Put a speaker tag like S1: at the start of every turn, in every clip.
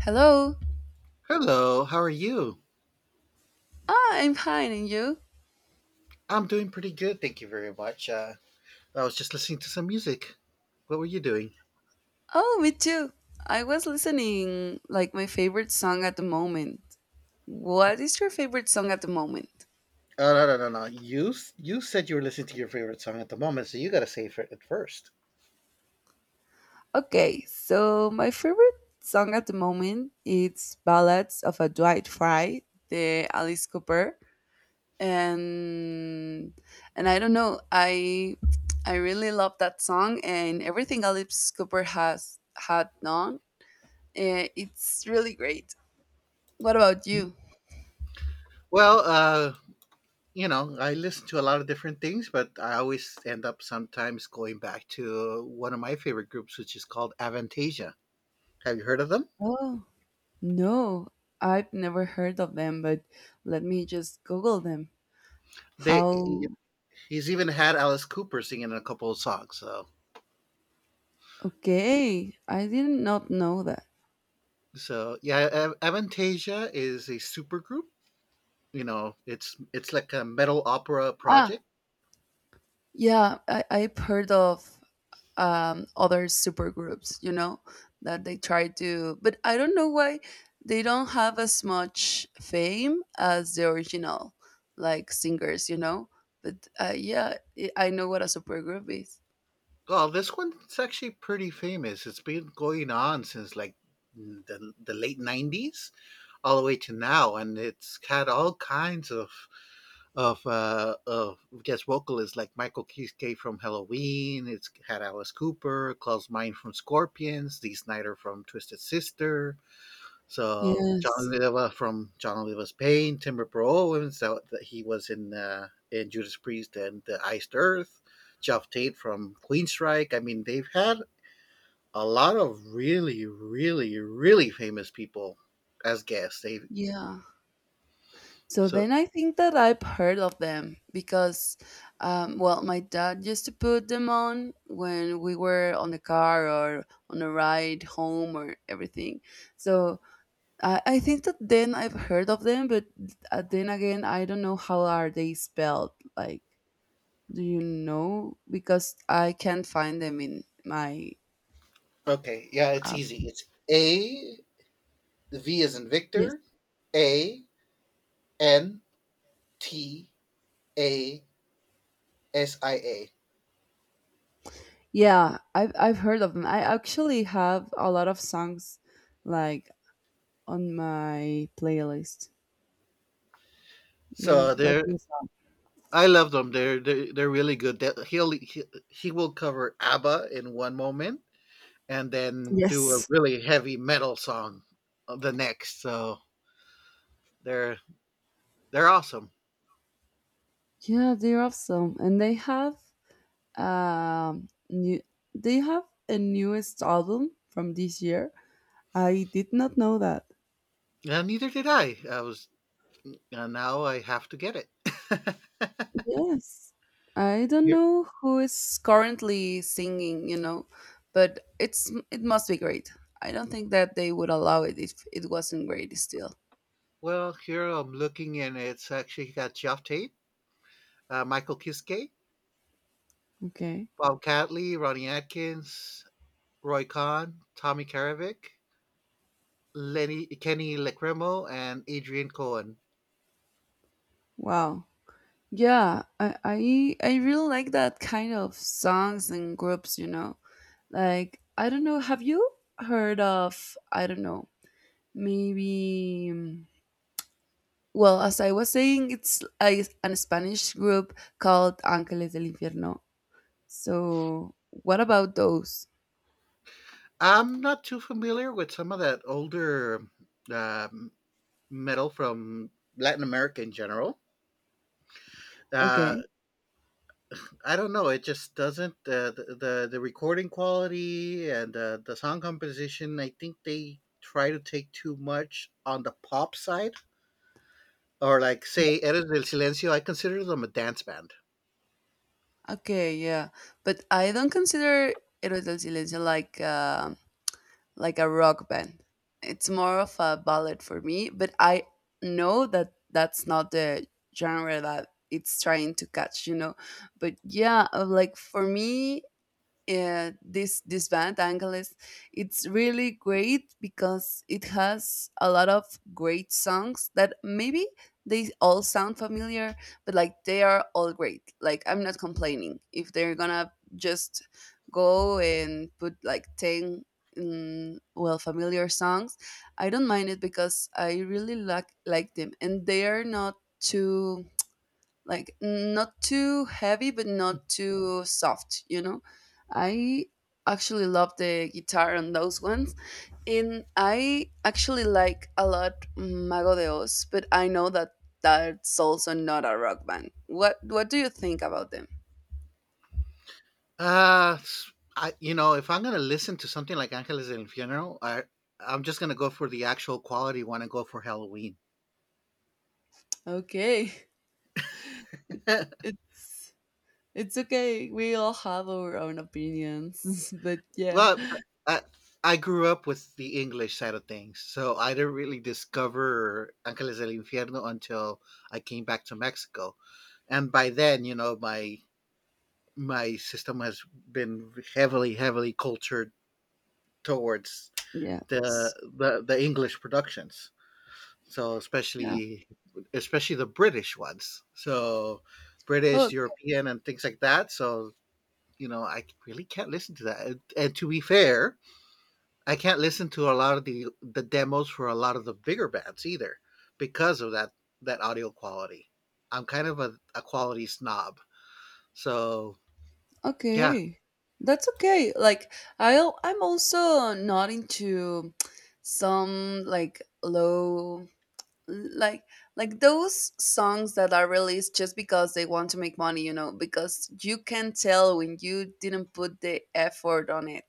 S1: Hello.
S2: Hello, how are you?
S1: I'm fine, and you?
S2: I'm doing pretty good, thank you very much. I was just listening to some music. What were you doing?
S1: Oh, me too. I was listening like my favorite song at the moment. What is your favorite song at the moment?
S2: Oh, no, no, no, no. You said you were listening to your favorite song at the moment, so you gotta say for it first.
S1: Okay, so my favorite song at the moment it's Ballads of a Dwight Fry, the Alice Cooper, and and I don't know, I really love that song and everything Alice Cooper has had done. It's really great. What about you?
S2: Well, I listen to a lot of different things, but I always end up sometimes going back to one of my favorite groups, which is called Avantasia. Have you heard of them?
S1: Oh, no, I've never heard of them, but let me just Google them.
S2: They,
S1: How?
S2: he's even had Alice Cooper singing in a couple of songs. So,
S1: Okay, I did not know that.
S2: so yeah, Avantasia is a supergroup. It's like a metal opera
S1: Ah,
S2: project.
S1: yeah, I've heard of other supergroups, that they try to, but I don't know why they don't have as much fame as the original, like singers. But yeah, I know what a supergroup is.
S2: Well, this one's actually pretty famous. It's been going on since like the late '90s all the way to now, and it's had all kinds of guest vocalists like Michael Kiske from Halloween. It's had Alice Cooper, Klaus Meine from Scorpions, Dee Snider from Twisted Sister, so John
S1: Yes.
S2: Oliva from John Oliva's Pain, Timber Pro Owens that he was in Judas Priest and the Iced Earth, Jeff Tate from Queen Strike. I mean, they've had a lot of really, really, really famous people as guests. They
S1: Yeah. So
S2: so
S1: then I think that I've heard of them because, well, my dad used to put them on when we were on the car or on a ride home or everything. So I think that then I've heard of them, but then again, I don't know how are they spelled. Like, do you know? Because I can't find them in my
S2: Okay, yeah, it's
S1: app.
S2: easy. It's A, V is in
S1: Yes.
S2: Victor, A N T A S I A.
S1: Yeah, I've heard of them. I actually have a lot of songs like on my playlist. Yeah,
S2: So
S1: that
S2: there.
S1: is up.
S2: I love them. They're really good. That he will cover ABBA in one moment and then do a
S1: Yes.
S2: really heavy metal song the next. So they're they're awesome.
S1: Yeah, they're awesome, and they have new. They have a newest album from this year. I did not know that.
S2: And neither did I. I was and now I have to get it.
S1: Yes, I don't
S2: here,
S1: know who is currently singing. But it must be great. I don't think that they would allow it if it wasn't great still.
S2: well, here I'm looking and it's actually got Jeff Tate, Michael Kiske,
S1: Okay.
S2: Bob Catley, Ronnie Atkins, Roy Khan, Tommy Karavik, Lenny Kenny Lekremo, and Adrian Cohen.
S1: Wow. Yeah, I really like that kind of songs and groups. Like, I don't know, have you heard of, I don't know, maybe, well, as I was saying, it's an Spanish group called Ángeles del Infierno. So, what about those?
S2: I'm not too familiar with some of that older, um, metal from Latin America in general. Uh,
S1: Okay.
S2: I don't know, it just doesn't the recording quality and the song composition. I think they try to take too much on the pop side, or like,
S1: Yeah.
S2: say, "Eres del Silencio," I consider them a dance band.
S1: Okay, yeah. But I don't consider Héroes del Silencio like a rock band. It's more of a ballad for me, but I know that that's not the genre that it's trying to catch. But yeah, like for me, this band Angeles it's really great because it has a lot of great songs that maybe they all sound familiar, but like they are all great, like I'm not complaining if they're gonna just go and put like 10 well, familiar songs. I don't mind it because I really like them, and they are not too, like, not too heavy but not too soft. I actually love the guitar on those ones, and I actually like a lot Mago de Oz, but I know that that's also not a rock band. What do you think about them?
S2: If I'm gonna listen to something like Ángeles del Infierno, I'm just gonna go for the actual quality one and go for Halloween.
S1: Okay. it's it's it's okay, we all have our own opinions. But yeah.
S2: Well, I I grew up with the English side of things, so I didn't really discover Angeles del Infierno until I came back to Mexico, and by then, my system has been heavily, heavily cultured towards the
S1: Yes.
S2: the, the English productions. So
S1: Yeah.
S2: especially the British ones. So British, European, and things like that. So I really can't listen to that. And to be fair, I can't listen to a lot of the demos for a lot of the bigger bands either because of that audio quality. I'm kind of a quality snob. So yeah.
S1: Okay, that's okay. Like I'm also not into some like low, like like those songs that are released just because they want to make money because you can tell when you didn't put the effort on it.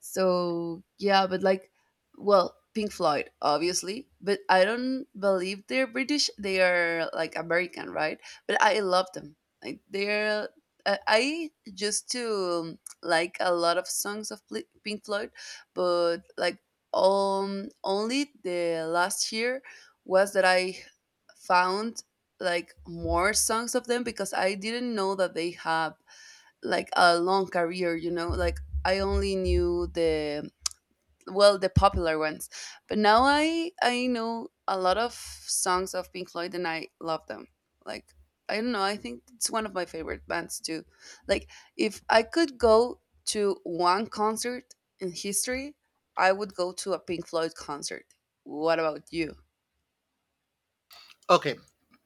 S1: So yeah, but like, well, Pink Floyd, obviously, but I don't believe they're British. They are like American, right? But I love them. Like they're I used to like a lot of songs of Pink Floyd, but like only the last year was that I found like more songs of them because I didn't know that they have like a long career, you know? Like I only knew the well, the popular ones. But now I know a lot of songs of Pink Floyd, and I love them. Like, I don't know, I think it's one of my favorite bands too. Like, if I could go to one concert in history, I would go to a Pink Floyd concert. What about you?
S2: Okay.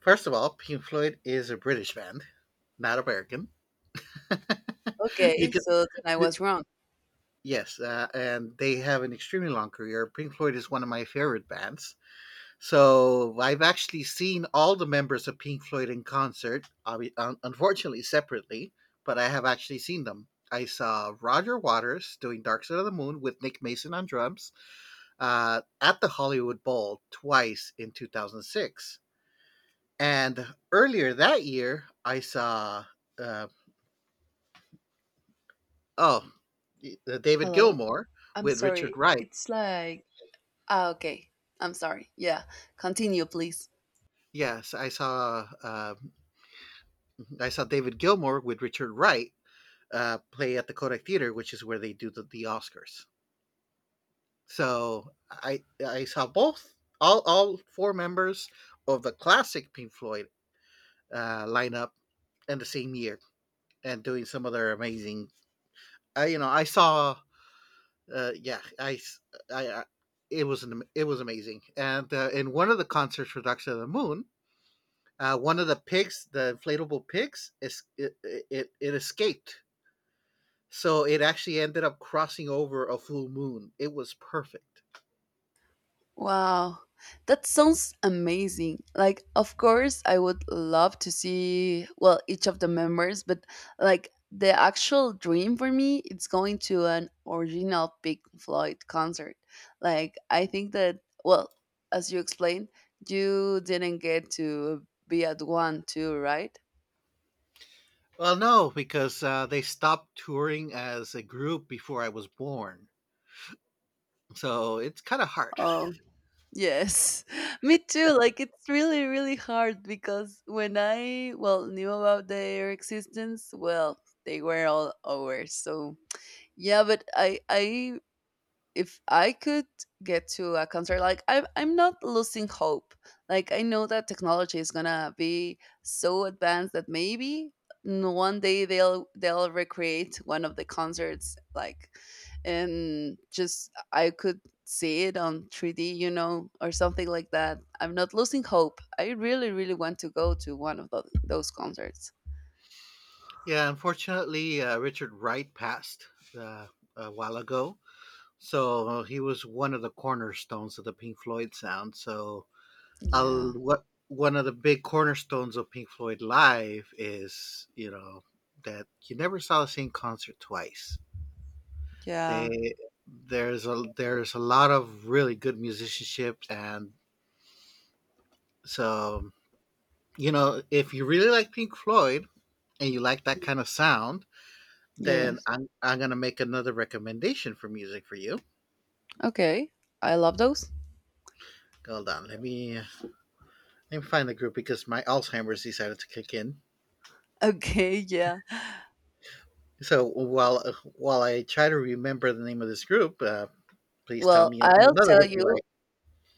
S2: First of all, Pink Floyd is a British band, not American. you
S1: Okay,
S2: can
S1: so then I was wrong.
S2: yes, and they have an extremely long career. Pink Floyd is one of my favorite bands. So I've actually seen all the members of Pink Floyd in concert, unfortunately separately, but I have actually seen them. I saw Roger Waters doing Dark Side of the Moon with Nick Mason on drums at the Hollywood Bowl twice in 2006. And earlier that year, I saw, uh, oh, David
S1: Hello?
S2: Gilmour
S1: I'm
S2: with Richard
S1: sorry.
S2: Wright.
S1: It's like. Okay. I'm sorry. Yeah. Continue, please.
S2: Yes, I saw David Gilmour with Richard Wright play at the Kodak Theater, which is where they do the Oscars. So I saw both all four members of the classic Pink Floyd lineup in the same year and doing some of their amazing. I you know I saw Yeah, I it was an, it was amazing, and in one of the concerts for Doctor of the Moon. One of the pigs, the inflatable pigs, it escaped. So it actually ended up crossing over a full moon. It was perfect.
S1: Wow. That sounds amazing. Like, of course, I would love to see, well, each of the members, but like the actual dream for me, it's going to an original Pink Floyd concert. Like, I think that, well, as you explained, you didn't get to be at one too, right?
S2: Well, no, because they stopped touring as a group before I was born. So it's kind of hard.
S1: Oh, yes, me too. Like, it's really, really hard because when I, well, knew about their existence, well, they were all over. So yeah, but I if I could get to a concert, like I'm not losing hope. Like I know that technology is gonna be so advanced that maybe one day they'll recreate one of the concerts, like, and just I could see it on 3D, or something like that. I'm not losing hope. I really, really want to go to one of those concerts.
S2: Yeah, unfortunately, Richard Wright passed uh, a while ago. So he was one of the cornerstones of the Pink Floyd sound. So,
S1: Yeah,
S2: what one of the big cornerstones of Pink Floyd live is that you never saw the same concert twice.
S1: yeah,
S2: They there's a lot of really good musicianship, and so if you really like Pink Floyd and you like that kind of sound, then
S1: yes.
S2: I'm gonna make another recommendation for music for you.
S1: Okay, I love those.
S2: Hold on, let me find the group because my Alzheimer's decided to kick in.
S1: Okay, yeah.
S2: So while I try to remember the name of this group, please tell
S1: Well,
S2: me
S1: I'll
S2: another
S1: tell
S2: group you
S1: you,
S2: like.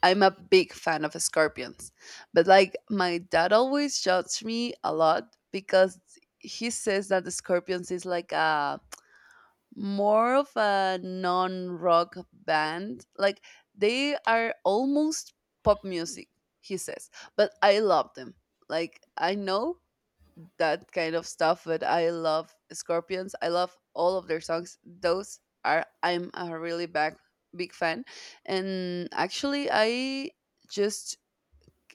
S1: I'm a big fan of Scorpions. But like my dad always judged me a lot because he says that the Scorpions is like a more of a non-rock band. Like they are almost pop music, he says. But I love them. Like I know that kind of stuff, but I love Scorpions. I love all of their songs. Those are, I'm a really big, big fan. And actually I just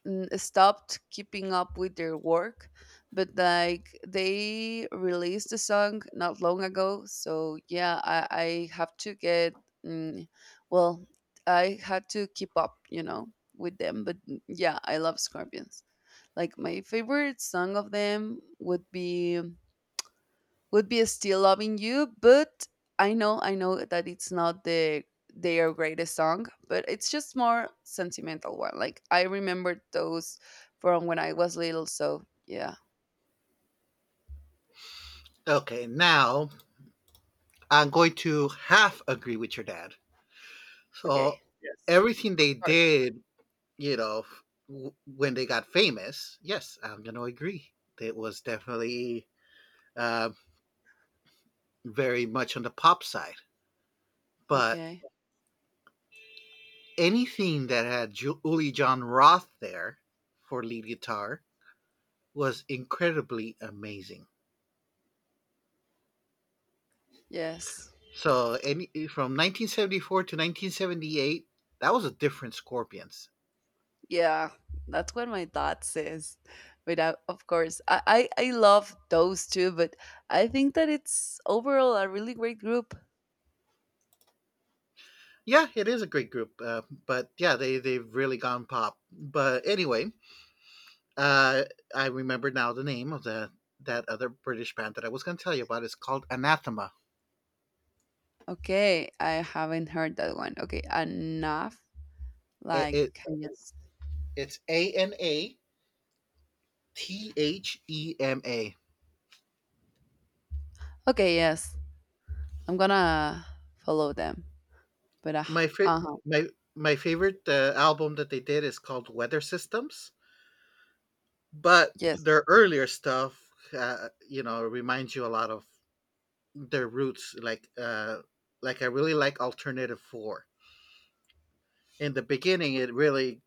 S1: stopped keeping up with their work, but like they released a song not long ago. So yeah, I have to get, mm, well, I had to keep up, with them. But yeah, I love Scorpions. Like my favorite song of them would be Still Loving You, but I know that it's not the their greatest song, but it's just more sentimental one. Like I remembered those from when I was little, so yeah.
S2: Okay, now I'm going to half agree with your dad.
S1: Okay.
S2: So
S1: Yes.
S2: everything
S1: Of
S2: they
S1: course.
S2: did, you know, f- when they got famous, yes, I'm going to agree. It was definitely uh, very much on the pop side. But
S1: Okay.
S2: anything that had Uli John Roth there for lead guitar was incredibly amazing.
S1: Yes.
S2: So any from 1974 to 1978, that was a different Scorpions.
S1: Yeah. That's what my dad says. But I, of course, I love those two, but I think that it's overall a really great group.
S2: Yeah, it is a great group, but yeah, they've really gone pop. But anyway, Uh, I remember now the name of the that other British band that I was going to tell you about. It's called Anathema.
S1: Okay, I haven't heard that one. Okay, enough.
S2: It,
S1: Like,
S2: it
S1: can you
S2: it's Anathema.
S1: okay, yes, I'm gonna follow them. But
S2: My fa-
S1: uh huh,
S2: my my favorite album that they did is called Weather Systems, but
S1: yes.
S2: their earlier stuff, reminds you a lot of their roots. Like I really like Alternative Four. In the beginning, it really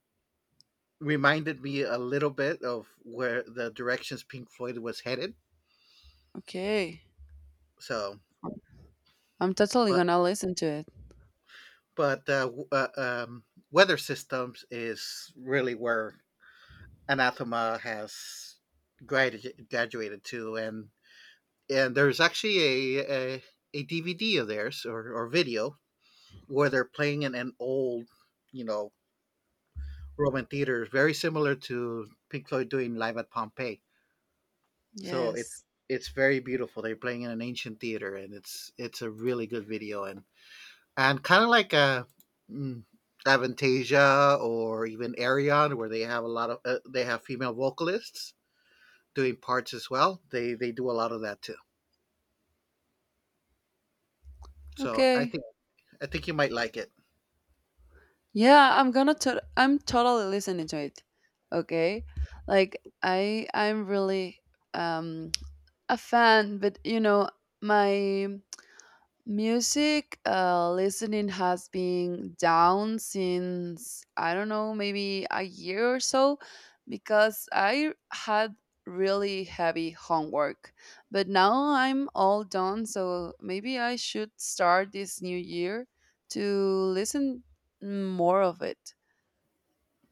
S2: reminded me a little bit of where the directions Pink Floyd was headed.
S1: Okay,
S2: So,
S1: I'm totally
S2: but
S1: gonna listen to it.
S2: but uh, w- uh, um, Weather Systems is really where Anathema has graduated to, and there's actually a DVD of theirs or video where they're playing in an old, you know, Roman theater, very similar to Pink Floyd doing live at Pompeii. So it's
S1: Yes.
S2: it's very beautiful. They're playing in an ancient theater, and it's a really good video, and kind of like a mm, Avantasia or even Arion, where they have a lot of they have female vocalists doing parts as well. They do a lot of that too. So I
S1: Okay.
S2: think I think you might like it.
S1: Yeah, I'm gonna. I'm totally listening to it. Okay, like I'm really um a fan, but my music, listening has been down since I don't know, maybe a year or so, because I had really heavy homework. But now I'm all done, so maybe I should start this new year to listen more of it.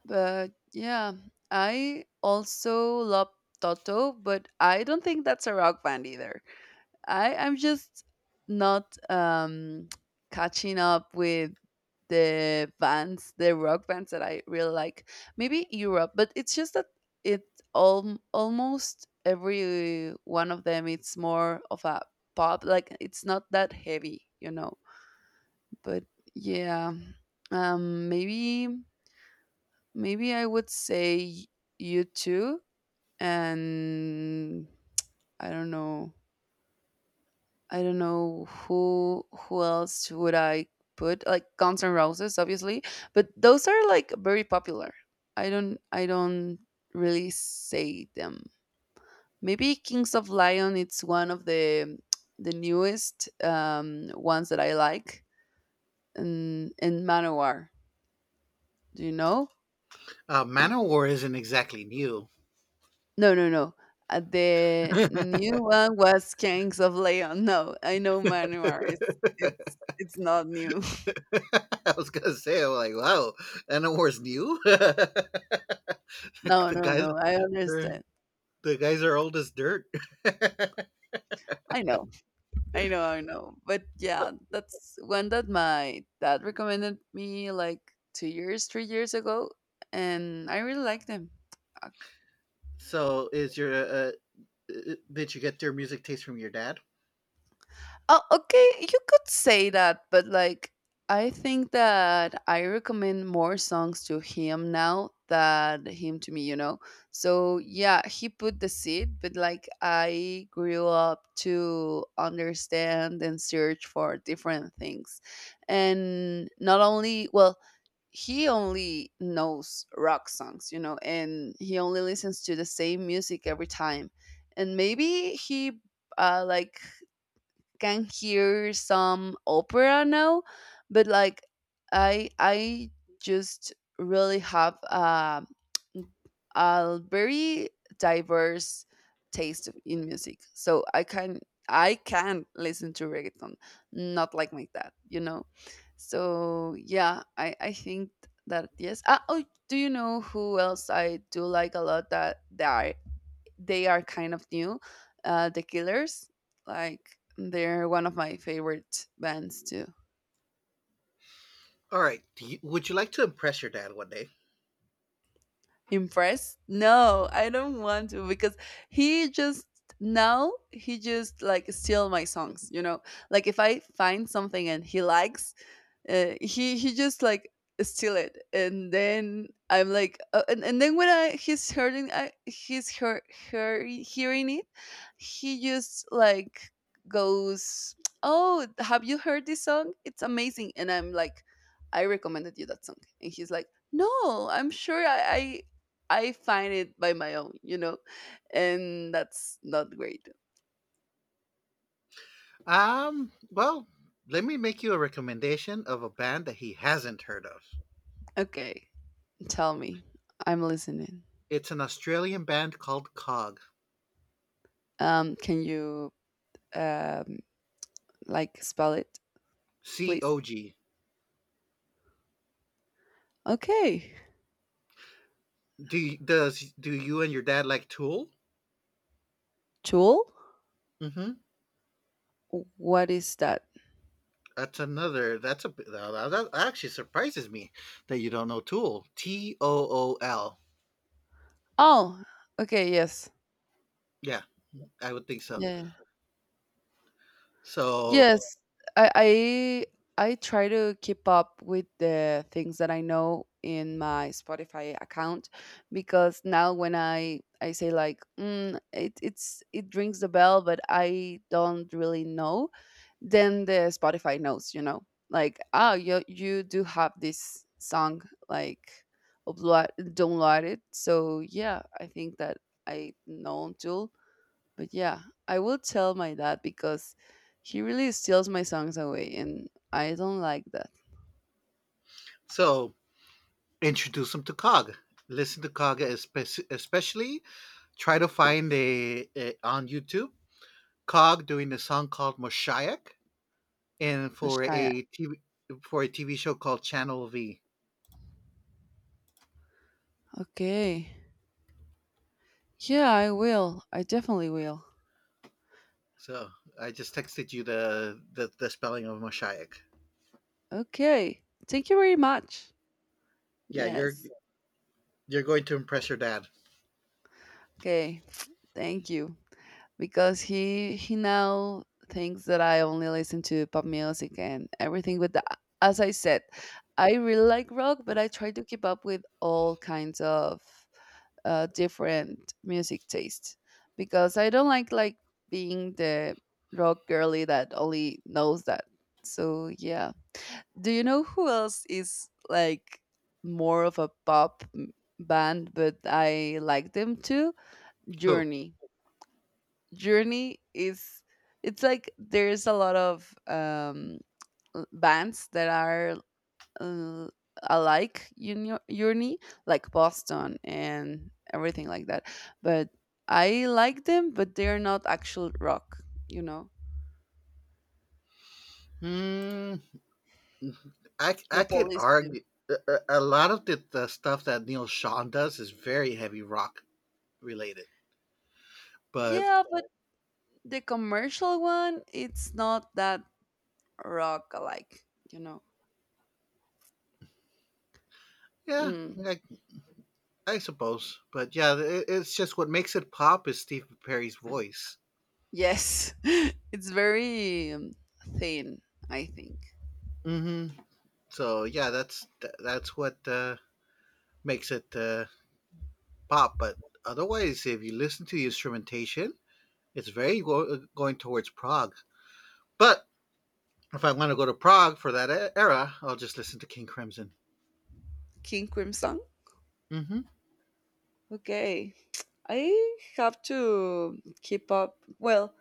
S1: But yeah, I also love Toto, but I don't think that's a rock band either. I'm just not catching up with the rock bands that I really like. Maybe Europe, but it's just that it all almost every one of them it's more of a pop, like it's not that heavy. But yeah. Um maybe maybe I would say you too, and I don't know I don't know who else would I put, like Guns N' Roses, obviously, but those are like very popular. I don't really say them. Maybe Kings of Lion. It's one of the newest ones that I like, and Manowar. Do you know?
S2: Manowar isn't exactly new.
S1: No, no, no. The new one was Kings of Leon. No, I know Manowar. It's not new.
S2: I was gonna say, I'm like, wow, Manowar's new.
S1: No, no,
S2: Guys,
S1: no. I understand.
S2: the guys are old as dirt.
S1: I know, I know, I know. But yeah, that's one that my dad recommended me like 2 years, 3 years ago, and I really like them.
S2: So, is your did you get your music taste from your dad?
S1: Oh, okay, you could say that, but like I think that I recommend more songs to him now than him to me. So yeah, he put the seed, but like I grew up to understand and search for different things. And not only, well, he only knows rock songs, and he only listens to the same music every time. And maybe he like can hear some opera now, but like I just really have a very diverse taste in music. So I can listen to reggaeton, not like my dad. So yeah, I think that yes. Oh, do you know who else I do like a lot? That they are kind of new. The Killers, like they're one of my favorite bands too.
S2: All right. Would you like to impress your dad one day?
S1: Impressed? No, I don't want to because he just now he just like steal my songs. You know, like if I find something and he likes, he just like steal it. And then I'm like, and then when I he's hearing it, he just like goes, "Oh, have you heard this song? It's amazing." And I'm like, "I recommended you that song." And he's like, "No, I'm sure I find it by my own, you know." And that's not great.
S2: Well, let me make you a recommendation of a band that he hasn't heard of.
S1: Okay, tell me. I'm listening.
S2: It's an Australian band called Cog.
S1: Can you, um like, spell it,
S2: C
S1: please?
S2: O G.
S1: Okay.
S2: Do y- does do you and your dad like Tool?
S1: Tool?
S2: Mm-hmm.
S1: What is that?
S2: That's another. That's a b- that, that that actually surprises me that you don't know Tool. T O O L.
S1: Oh, okay, yes.
S2: Yeah, I would think so.
S1: Yeah, yeah, yeah.
S2: So
S1: Yes, I I try to keep up with the things that I know in my Spotify account, because now when I say like, it rings the bell, but I don't really know, then the Spotify knows, like, "Oh, you do have this song, like upload, download it." So yeah, I think that I know Tool. But yeah, I will tell my dad, because he really steals my songs away and I don't like that.
S2: so introduce them to Cog. Listen to Cog, especially try to find a on YouTube Cog doing a song called Moshayak, and for
S1: Messiah.
S2: a TV, for a TV show called Channel V.
S1: Okay. Yeah, I will. I definitely will.
S2: So I just texted you the spelling of Moshayak.
S1: Okay. Thank you very much.
S2: Yeah, you're
S1: Yes.
S2: you're going to impress your dad.
S1: Okay. Thank you. Because he now thinks that I only listen to pop music and everything. But the, as I said, I really like rock, but I try to keep up with all kinds of different music tastes, because I don't like being the rock girly that only knows that. So yeah, do you know who else is like more of a band, but I like them too?
S2: Who?
S1: Journey. Journey is it's like there's a lot of bands that are, uh, alike, uni- uni like Boston and everything like that. But I like them, but they're not actual rock, you know.
S2: Hmm. I
S1: The
S2: I could
S1: Police too.
S2: argue a lot of the stuff that Neil Sean does is very heavy rock related, but
S1: Yeah, but the commercial one, it's not that rock alike, you know.
S2: yeah,
S1: Mm,
S2: I, I suppose, but yeah, it's just what makes it pop is Steve Perry's voice.
S1: yes, it's very, thin, I think.
S2: Mm-hmm. So yeah, that's what makes it pop. But otherwise, if you listen to the instrumentation, it's very going towards Prague. But if I want to go to Prague for that era, I'll just listen to King Crimson.
S1: King Crimson.
S2: Mm-hmm.
S1: Okay, I have to keep up. Well,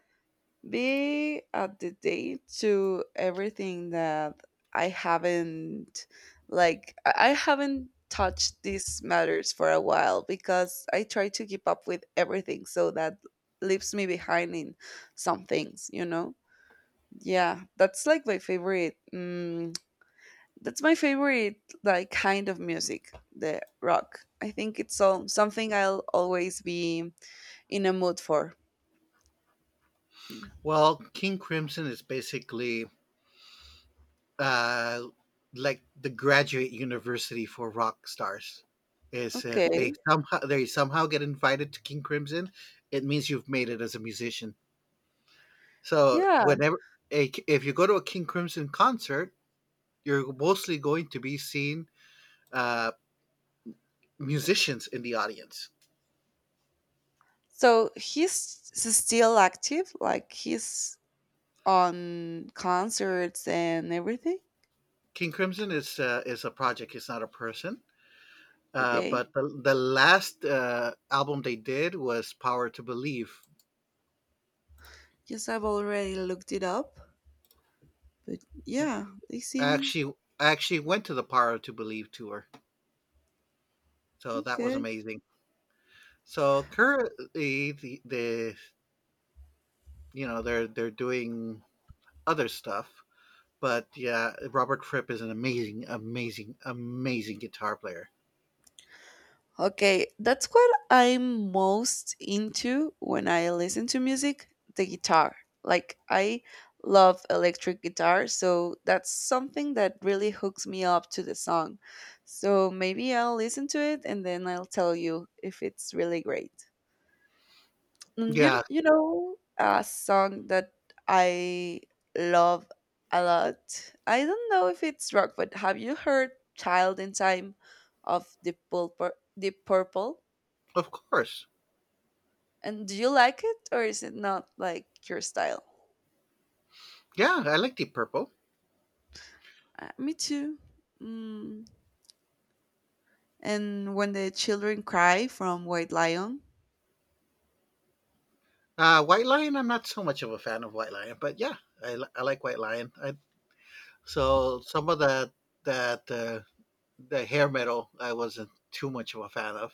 S1: be up to date to everything that I haven't, like I haven't touched these matters for a while, because I try to keep up with everything, so that leaves me behind in some things, you know? Yeah, that's like my favorite. Mm, that's my favorite like kind of music, the rock. I think it's all something I'll always be in a mood for. Mm.
S2: Well, King Crimson is basically uh, like the graduate university for rock stars, is if they
S1: Okay.
S2: somehow they somehow get invited to King Crimson, it means you've made it as a musician. So
S1: Yeah.
S2: if you go to a King Crimson concert, you're mostly going to be seeing uh, musicians in the audience.
S1: So he's still active, like he's on concerts and everything.
S2: King Crimson is a project; it's not a person. Uh,
S1: Okay.
S2: but the last album they did was Power to Believe.
S1: Yes, I've already looked it up, but yeah, they
S2: I
S1: seem
S2: actually I actually went to the Power to Believe tour. So that was
S1: okay.
S2: amazing. So currently, the they're doing other stuff, but yeah, Robert Fripp is an amazing, amazing, amazing guitar player.
S1: Okay, that's what I'm most into when I listen to music, the guitar. Like, I love electric guitar, so that's something that really hooks me up to the song. So maybe I'll listen to it and then I'll tell you if it's really great. Mm, You
S2: Yeah,
S1: you know a song that I love a lot. I don't know if it's rock, but have you heard "Child in Time" of Deep Purple? Deep Purple,
S2: of course.
S1: and do you like it, or is it not like your style?
S2: Yeah, I like Deep Purple.
S1: Me too. Mm. And "When the Children Cry" from White Lion.
S2: White Lion, I'm not so much of a fan of White Lion, but yeah, I like White Lion. So some of that that the hair metal, I wasn't too much of a fan of,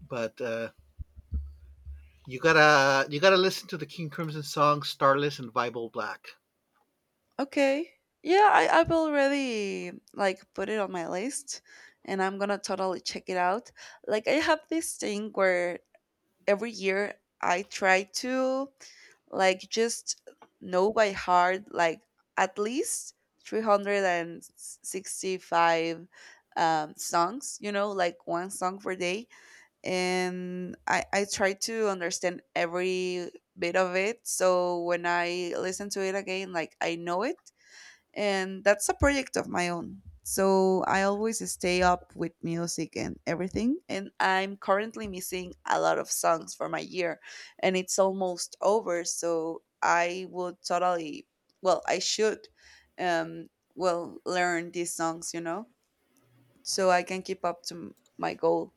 S2: but you gotta listen to the King Crimson song "Starless" and "Bible Black."
S1: Okay. Yeah, I've already like put it on my list, and I'm gonna totally check it out. Like, I have this thing where every year I try to, like, just know by heart, like, at least 365 songs, you know, like one song per day. And I try to understand every bit of it. So when I listen to it again, like, I know it, and that's a project of my own. So I always stay up with music and everything. And I'm currently missing a lot of songs for my year, and it's almost over. So I would totally, well, I should, um, well, learn these songs, so I can keep up to my goal.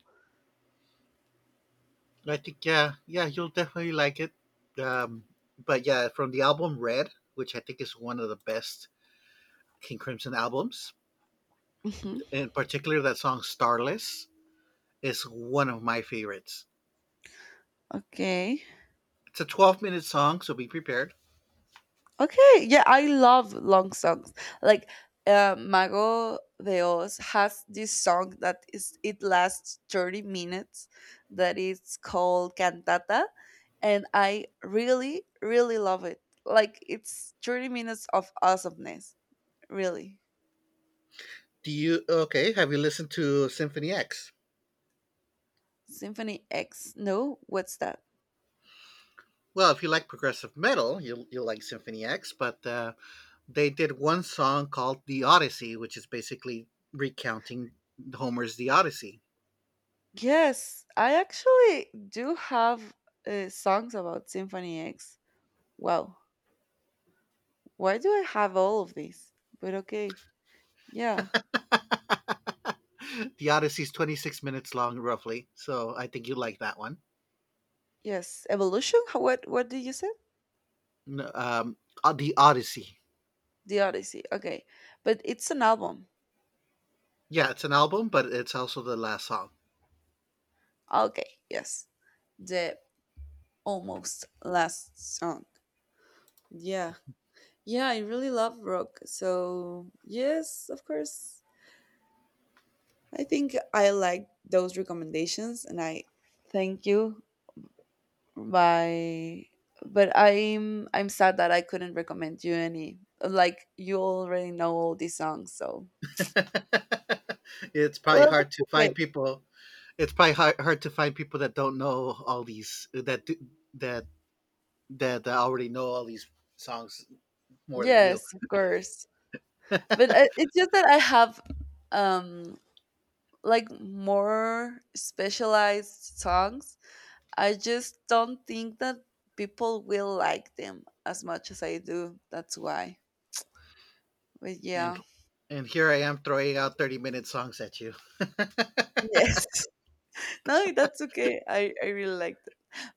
S2: I think, yeah, yeah, you'll definitely like it. Um, but yeah, from the album Red, which I think is one of the best King Crimson albums,
S1: Hmm.
S2: in particular that song "Starless" is one of my favorites.
S1: Okay.
S2: It's a 12-minute song, so be prepared.
S1: Okay, yeah, I love long songs. Like, Mago de Oz has this song that is it lasts 30 minutes, that is called Cantata, and I really really love it. Like, it's 30 minutes of awesomeness, really.
S2: Do you okay? Have you listened to Symphony X?
S1: Symphony X. No, what's that?
S2: Well, if you like progressive metal, you'll like Symphony X. But they did one song called The Odyssey, which is basically recounting Homer's The Odyssey.
S1: Yes, I actually do have, songs about Symphony X. Wow. Why do I have all of these? But okay. Yeah.
S2: The Odyssey is 26 minutes long, roughly. So I think you like that one.
S1: Yes, Evolution. What did you say?
S2: No. The Odyssey.
S1: The Odyssey. Okay, but it's an album.
S2: Yeah, it's an album, but it's also the last song.
S1: Okay, yes, the almost last song. Yeah, yeah. I really love rock. So yes, of course. I think I like those recommendations, and I thank you. By but I'm sad that I couldn't recommend you any. Like, you already know all these songs, so...
S2: It's probably
S1: well,
S2: hard
S1: that's
S2: to
S1: okay.
S2: find people. It's probably hard, hard to find people that don't know all these that do- that that that already know all these songs more than you.
S1: Yes, of course. But it's just that I have, um like, more specialized songs. I just don't think that people will like them as much as I do. That's why. But yeah.
S2: And and here I am throwing out 30-minute songs at you.
S1: Yes. No, that's okay. I really like...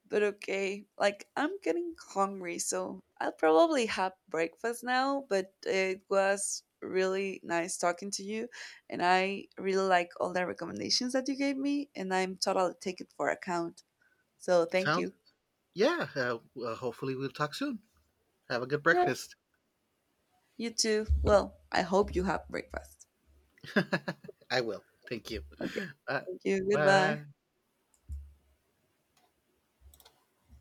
S1: But okay, like, I'm getting hungry, so I'll probably have breakfast now. But it was really nice talking to you, and I really like all the recommendations that you gave me, and I'm totally taking for account. So thank
S2: Sounds
S1: you.
S2: Yeah. Well, hopefully, we'll talk soon. Have a good
S1: Yes.
S2: breakfast.
S1: You too. Well, I hope you have breakfast.
S2: I will. Thank you.
S1: Okay.
S2: Uh,
S1: Thank you.
S2: bye.
S1: Goodbye.